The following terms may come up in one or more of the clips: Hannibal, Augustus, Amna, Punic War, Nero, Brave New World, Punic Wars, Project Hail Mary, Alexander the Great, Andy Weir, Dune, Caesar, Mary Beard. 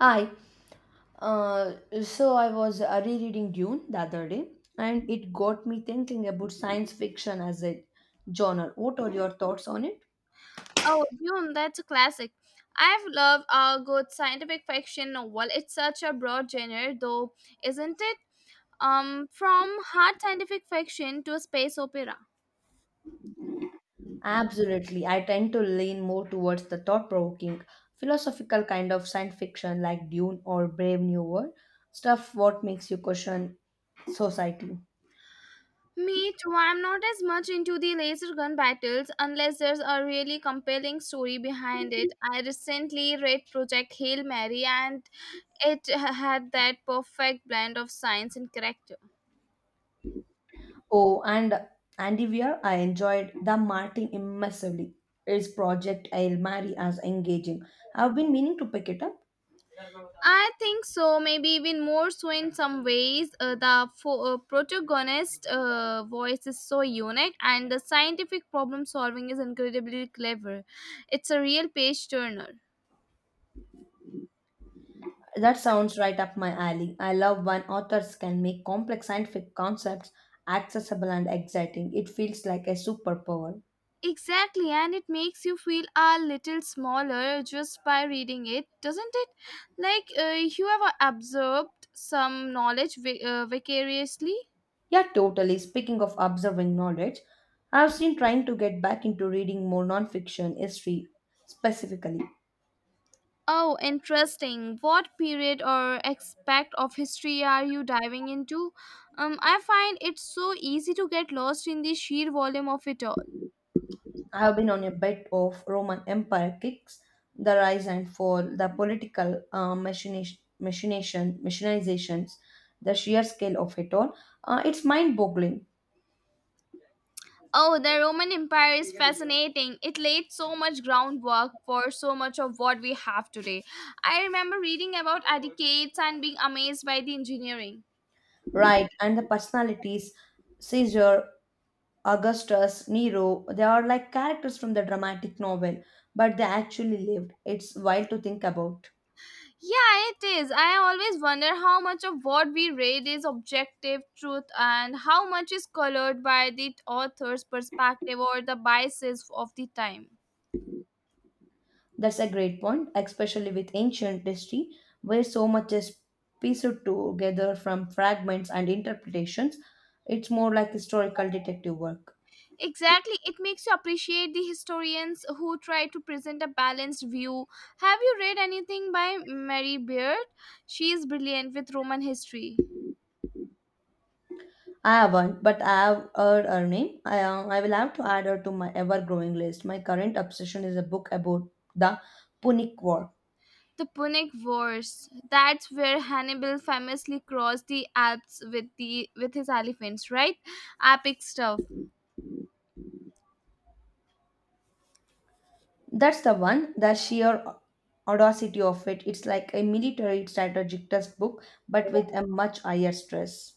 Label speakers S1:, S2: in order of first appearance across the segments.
S1: Hi. Uh, so I was rereading Dune the other day, and it got me thinking about science fiction as a genre. What are your thoughts on it?
S2: Oh, Dune, that's a classic. I've loved a good scientific fiction novel. It's such a broad genre, though, isn't it? From hard scientific fiction to a space opera.
S1: Absolutely. I tend to lean more towards the thought-provoking, philosophical kind of science fiction like Dune or Brave New World, stuff what makes you question society.
S2: Me too. I'm not as much into the laser gun battles unless there's a really compelling story behind it. I recently read Project Hail Mary, and it had that perfect blend of science and character.
S1: Oh, and Andy Weir, I enjoyed the Martin immersively. His project I'll Marry as engaging. I've been meaning to pick it up.
S2: I think so, maybe even more so in some ways. The protagonist voice is so unique, and the scientific problem solving is incredibly clever. It's a real page turner.
S1: That sounds right up my alley. I love when authors can make complex scientific concepts accessible and exciting. It feels like a superpower.
S2: Exactly, and it makes you feel a little smaller just by reading it, doesn't it? Like you have absorbed some knowledge vicariously.
S1: Yeah, totally. Speaking of observing knowledge, I've been trying to get back into reading more nonfiction history specifically.
S2: Oh, interesting. What period or aspect of history are you diving into? I find it so easy to get lost in the sheer volume of it all.
S1: I have been on a bit of Roman Empire kicks, the rise and fall, the political machinizations, the sheer scale of it all. It's mind boggling.
S2: Oh, the Roman Empire is fascinating. It laid so much groundwork for so much of what we have today. I remember reading about aqueducts and being amazed by the engineering.
S1: Right? And the personalities, Caesar, Augustus, Nero, they are like characters from the dramatic novel, but they actually lived. It's wild to think about.
S2: Yeah, it is. I always wonder how much of what we read is objective truth and how much is colored by the author's perspective or the biases of the time.
S1: That's a great point, especially with ancient history, where so much is pieced together from fragments and interpretations. It's more like historical detective work.
S2: Exactly, it makes you appreciate the historians who try to present a balanced view. Have you read anything by Mary Beard? She is brilliant with Roman history.
S1: I haven't, but I have heard her name. I will have to add her to my ever growing list. My current obsession is a book about the Punic War.
S2: The Punic Wars. That's where Hannibal famously crossed the Alps with the with his elephants, right? Epic stuff.
S1: That's the one, the sheer audacity of it. It's like a military strategic textbook, but with a much higher stress.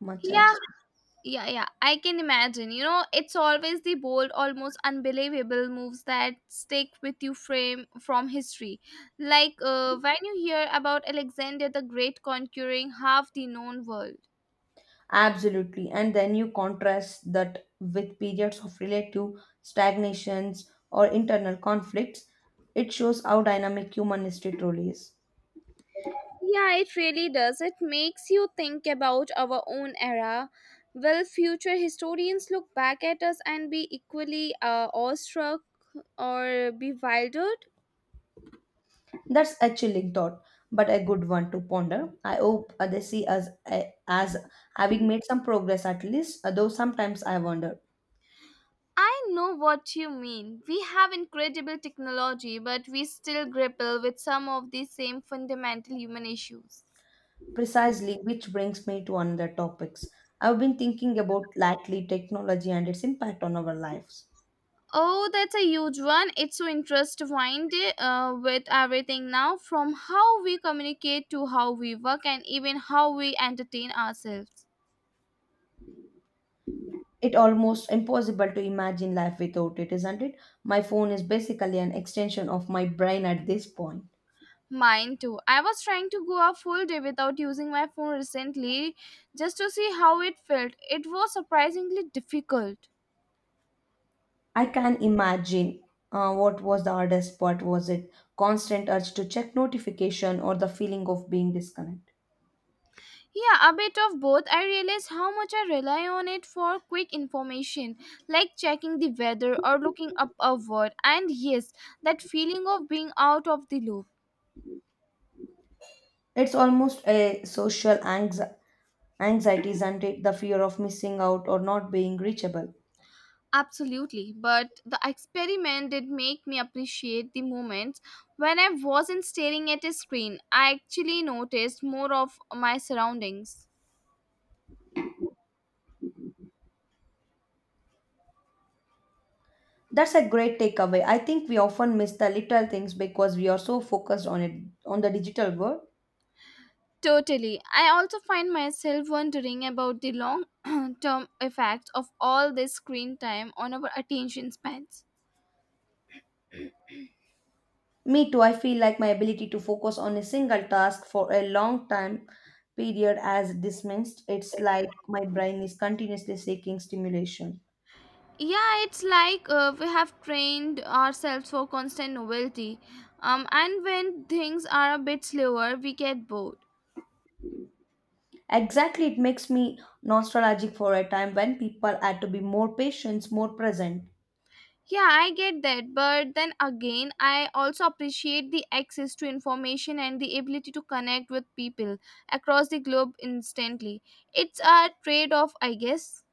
S1: Much higher
S2: Yeah,
S1: stress.
S2: yeah, yeah, I can imagine. You know, it's always the bold, almost unbelievable moves that stick with you frame from history. Like when you hear about Alexander the Great conquering half the known world.
S1: Absolutely. And then you contrast that with periods of relative stagnations or internal conflicts. It shows how dynamic human history truly is.
S2: Yeah, it really does. It makes you think about our own era. Will future historians look back at us and be equally awestruck or be bewildered?
S1: That's a chilling thought, but a good one to ponder. I hope they see us as having made some progress at least, although sometimes I wonder.
S2: I know what you mean. We have incredible technology, but we still grapple with some of these same fundamental human issues.
S1: Precisely, which brings me to another topics. I've been thinking about lately technology and its impact on our lives.
S2: Oh, that's a huge one. It's so intertwined with everything now, from how we communicate to how we work and even how we entertain ourselves.
S1: It almost impossible to imagine life without it, isn't it? My phone is basically an extension of my brain at this point.
S2: Mine too. I was trying to go a full day without using my phone recently just to see how it felt. It was surprisingly difficult.
S1: I can imagine what was the hardest part, was it constant urge to check notification or the feeling of being disconnected?
S2: Yeah, a bit of both. I realize how much I rely on it for quick information, like checking the weather or looking up a word. And yes, that feeling of being out of the loop.
S1: It's almost a anxiety, isn't it? The fear of missing out or not being reachable.
S2: Absolutely. But the experiment did make me appreciate the moments when I wasn't staring at a screen. I actually noticed more of my surroundings.
S1: That's a great takeaway. I think we often miss the little things because we are so focused on the digital world.
S2: Totally. I also find myself wondering about the long term effects of all this screen time on our attention spans.
S1: Me too, I feel like my ability to focus on a single task for a long time period as dismissed. It's like my brain is continuously seeking stimulation.
S2: Yeah, it's like we have trained ourselves for constant novelty, and when things are a bit slower we get bored.
S1: Exactly, it makes me nostalgic for a time when people had to be more patient, more present.
S2: Yeah, I get that, but then again I also appreciate the access to information and the ability to connect with people across the globe instantly. It's a trade off, I guess.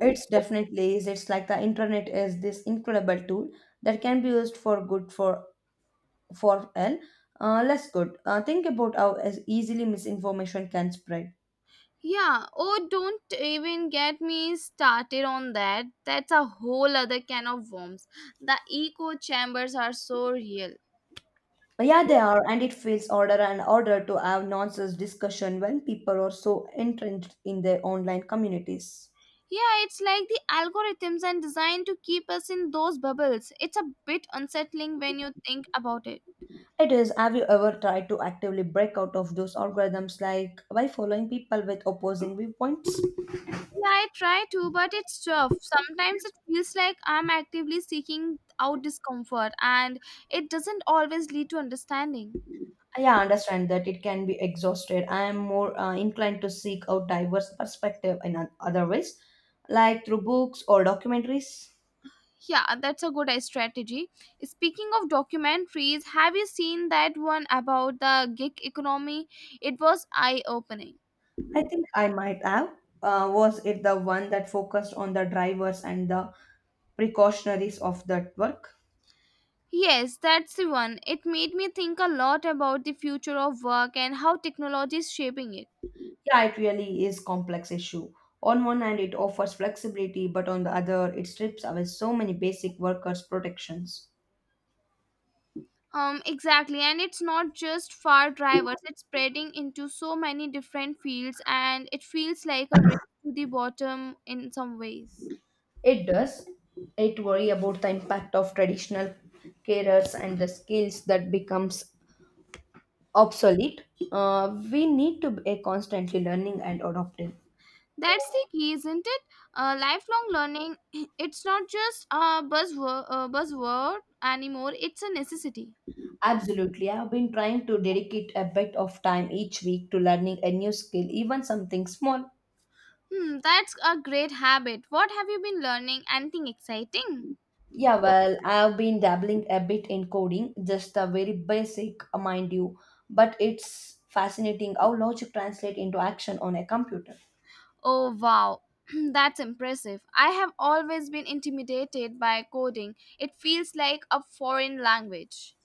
S1: It's definitely is. It's like the internet is this incredible tool that can be used for good for an less good. Think about how as easily misinformation can spread.
S2: Yeah, oh, don't even get me started on that. That's a whole other can of worms. The echo chambers are so real.
S1: Yeah, they are, and it feels order and order to have nonsense discussion when people are so entrenched in their online communities.
S2: Yeah, it's like the algorithms are designed to keep us in those bubbles. It's a bit unsettling when you think about it.
S1: It is, have you ever tried to actively break out of those algorithms like by following people with opposing viewpoints?
S2: Yeah, I try to, but it's tough. Sometimes it feels like I'm actively seeking out discomfort, and it doesn't always lead to understanding.
S1: Yeah, I understand that it can be exhausted. I am more inclined to seek out diverse perspective in other ways, like through books or documentaries.
S2: Yeah, that's a good strategy. Speaking of documentaries, have you seen that one about the gig economy? It was eye opening.
S1: I think I might have. Was it the one that focused on the drivers and the precautionaries of that work?
S2: Yes, that's the one. It made me think a lot about the future of work and how technology is shaping it.
S1: Yeah, it really is complex issue. On one hand, it offers flexibility, but on the other, it strips away so many basic workers' protections.
S2: Exactly, and it's not just far drivers, it's spreading into so many different fields, and it feels like a race to the bottom in some ways.
S1: It does. It worry about the impact of traditional carers and the skills that becomes obsolete. We need to be constantly learning and adopting.
S2: That's the key, isn't it? Lifelong learning, it's not just a buzzword, buzzword anymore, it's a necessity.
S1: Absolutely. I've been trying to dedicate a bit of time each week to learning a new skill, even something small.
S2: Hmm, that's a great habit. What have you been learning? Anything exciting?
S1: Yeah, well, I've been dabbling a bit in coding, just a very basic, mind you, but it's fascinating how logic translates into action on a computer.
S2: Oh wow, that's impressive. I have always been intimidated by coding. It feels like a foreign language.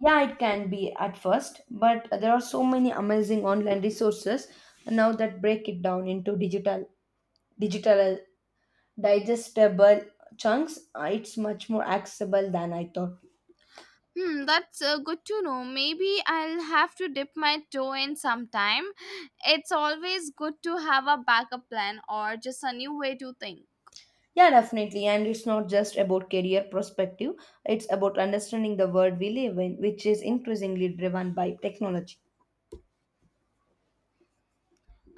S1: Yeah, it can be at first, but there are so many amazing online resources now that break it down into digital, digital digestible chunks. It's much more accessible than I thought.
S2: Hmm, that's good to know. Maybe I'll have to dip my toe in sometime. It's always good to have a backup plan or just a new way to think.
S1: Yeah, definitely. And it's not just about career perspective, it's about understanding the world we live in, which is increasingly driven by technology.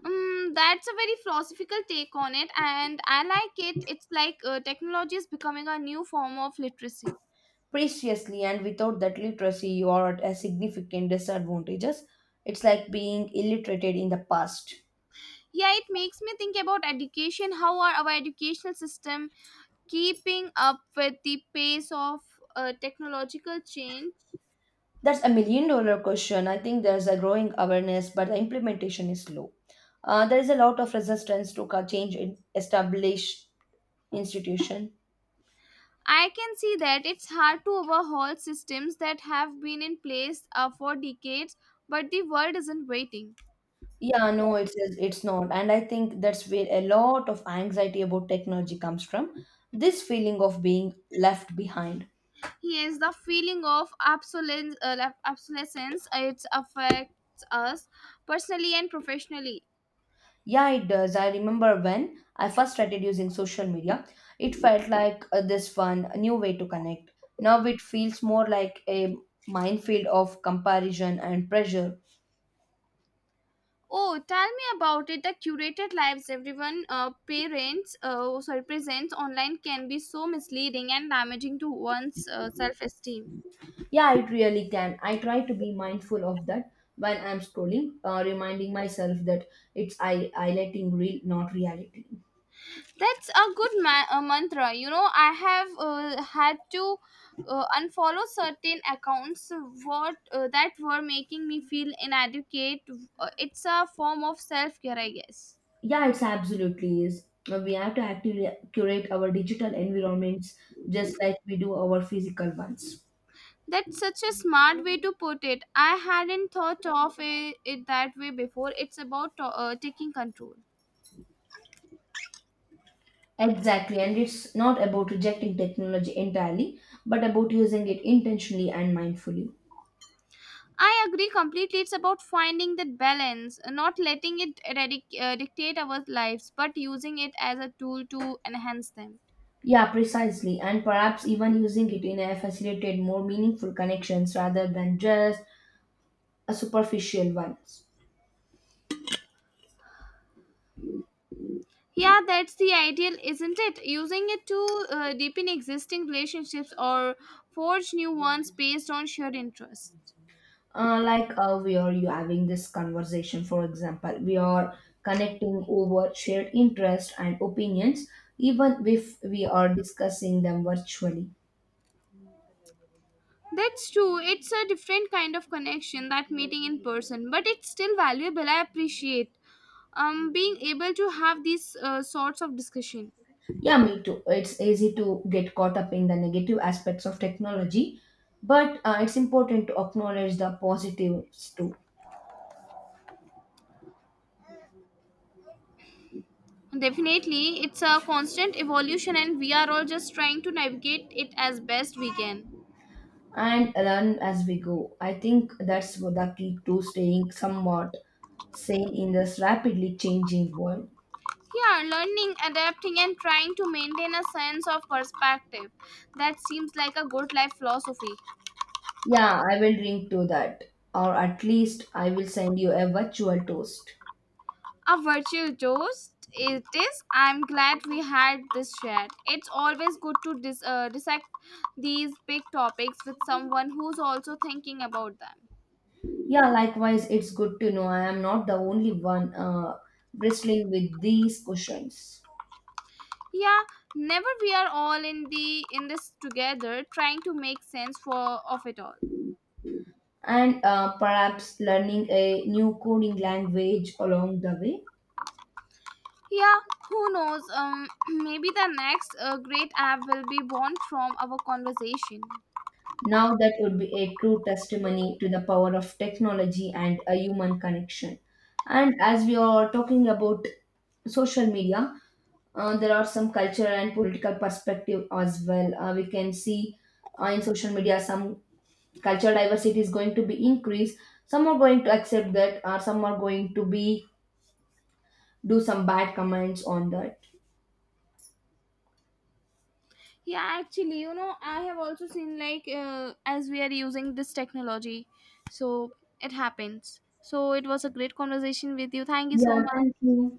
S2: That's a very philosophical take on it, and I like it. It's like technology is becoming a new form of literacy.
S1: Preciously, and without that literacy, you are at a significant disadvantages. It's like being illiterated in the past.
S2: Yeah, it makes me think about education. How are our educational system keeping up with the pace of technological change.
S1: That's a million dollar question. I think there's a growing awareness, but the implementation is low. There is a lot of resistance to change in established institution.
S2: I can see that it's hard to overhaul systems that have been in place for decades, but the world isn't waiting.
S1: Yeah, no, it's not. And I think that's where a lot of anxiety about technology comes from. This feeling of being left behind.
S2: Yes, the feeling of obsolescence, obsolescence it affects us personally and professionally.
S1: Yeah, it does. I remember when I first started using social media, it felt like this fun, a new way to connect. Now it feels more like a minefield of comparison and pressure.
S2: Oh, tell me about it. The curated lives everyone parents oh, sorry presents online can be so misleading and damaging to one's self-esteem.
S1: Yeah, it really can. I try to be mindful of that when I'm scrolling, reminding myself that it's I highlighting real, not reality.
S2: That's a good mantra. You know, I have had to unfollow certain accounts what that were making me feel inadequate. It's a form of self care, I guess.
S1: Yeah, it's absolutely is. We have to actively curate our digital environments just like we do our physical ones.
S2: That's such a smart way to put it. I hadn't thought of it that way before. It's about taking control.
S1: Exactly, and it's not about rejecting technology entirely, but about using it intentionally and mindfully.
S2: I agree completely. It's about finding that balance, not letting it dictate our lives, but using it as a tool to enhance them.
S1: Yeah, precisely, and perhaps even using it in a facilitated, more meaningful connections rather than just a superficial ones.
S2: Yeah, that's the ideal, isn't it? Using it to deepen existing relationships or forge new ones based on shared interests.
S1: We are you having this conversation, for example. We are connecting over shared interest and opinions, even if we are discussing them virtually.
S2: That's true. It's a different kind of connection that meeting in person, but it's still valuable. I appreciate being able to have these sorts of discussion.
S1: Yeah, me too. It's easy to get caught up in the negative aspects of technology, but it's important to acknowledge the positives too,
S2: Definitely, it's a constant evolution, and we are all just trying to navigate it as best we can.
S1: and learn as we go. I think that's the key to staying somewhat sane in this rapidly changing world.
S2: Yeah, learning, adapting, and trying to maintain a sense of perspective. That seems like a good life philosophy.
S1: Yeah, I will drink to that. Or at least I will send you a virtual toast.
S2: A virtual toast it is. I'm glad we had this chat. It's always good to dissect these big topics with someone who's also thinking about them.
S1: Yeah, likewise, it's good to know I am not the only one wrestling with these questions.
S2: Yeah, never we are all in this together trying to make sense for of it all.
S1: And perhaps learning a new coding language along the way.
S2: Yeah, who knows? Maybe the next great app will be born from our conversation.
S1: Now, that would be a true testimony to the power of technology and a human connection. And as we are talking about social media, there are some cultural and political perspective as well. We can see in social media some cultural diversity is going to be increased. Some are going to accept that, or some are going to be do some bad comments on that.
S2: Yeah, actually, you know, I have also seen like as we are using this technology, so it happens. So it was a great conversation with you. Thank you so
S1: Yeah,
S2: much.
S1: thank you.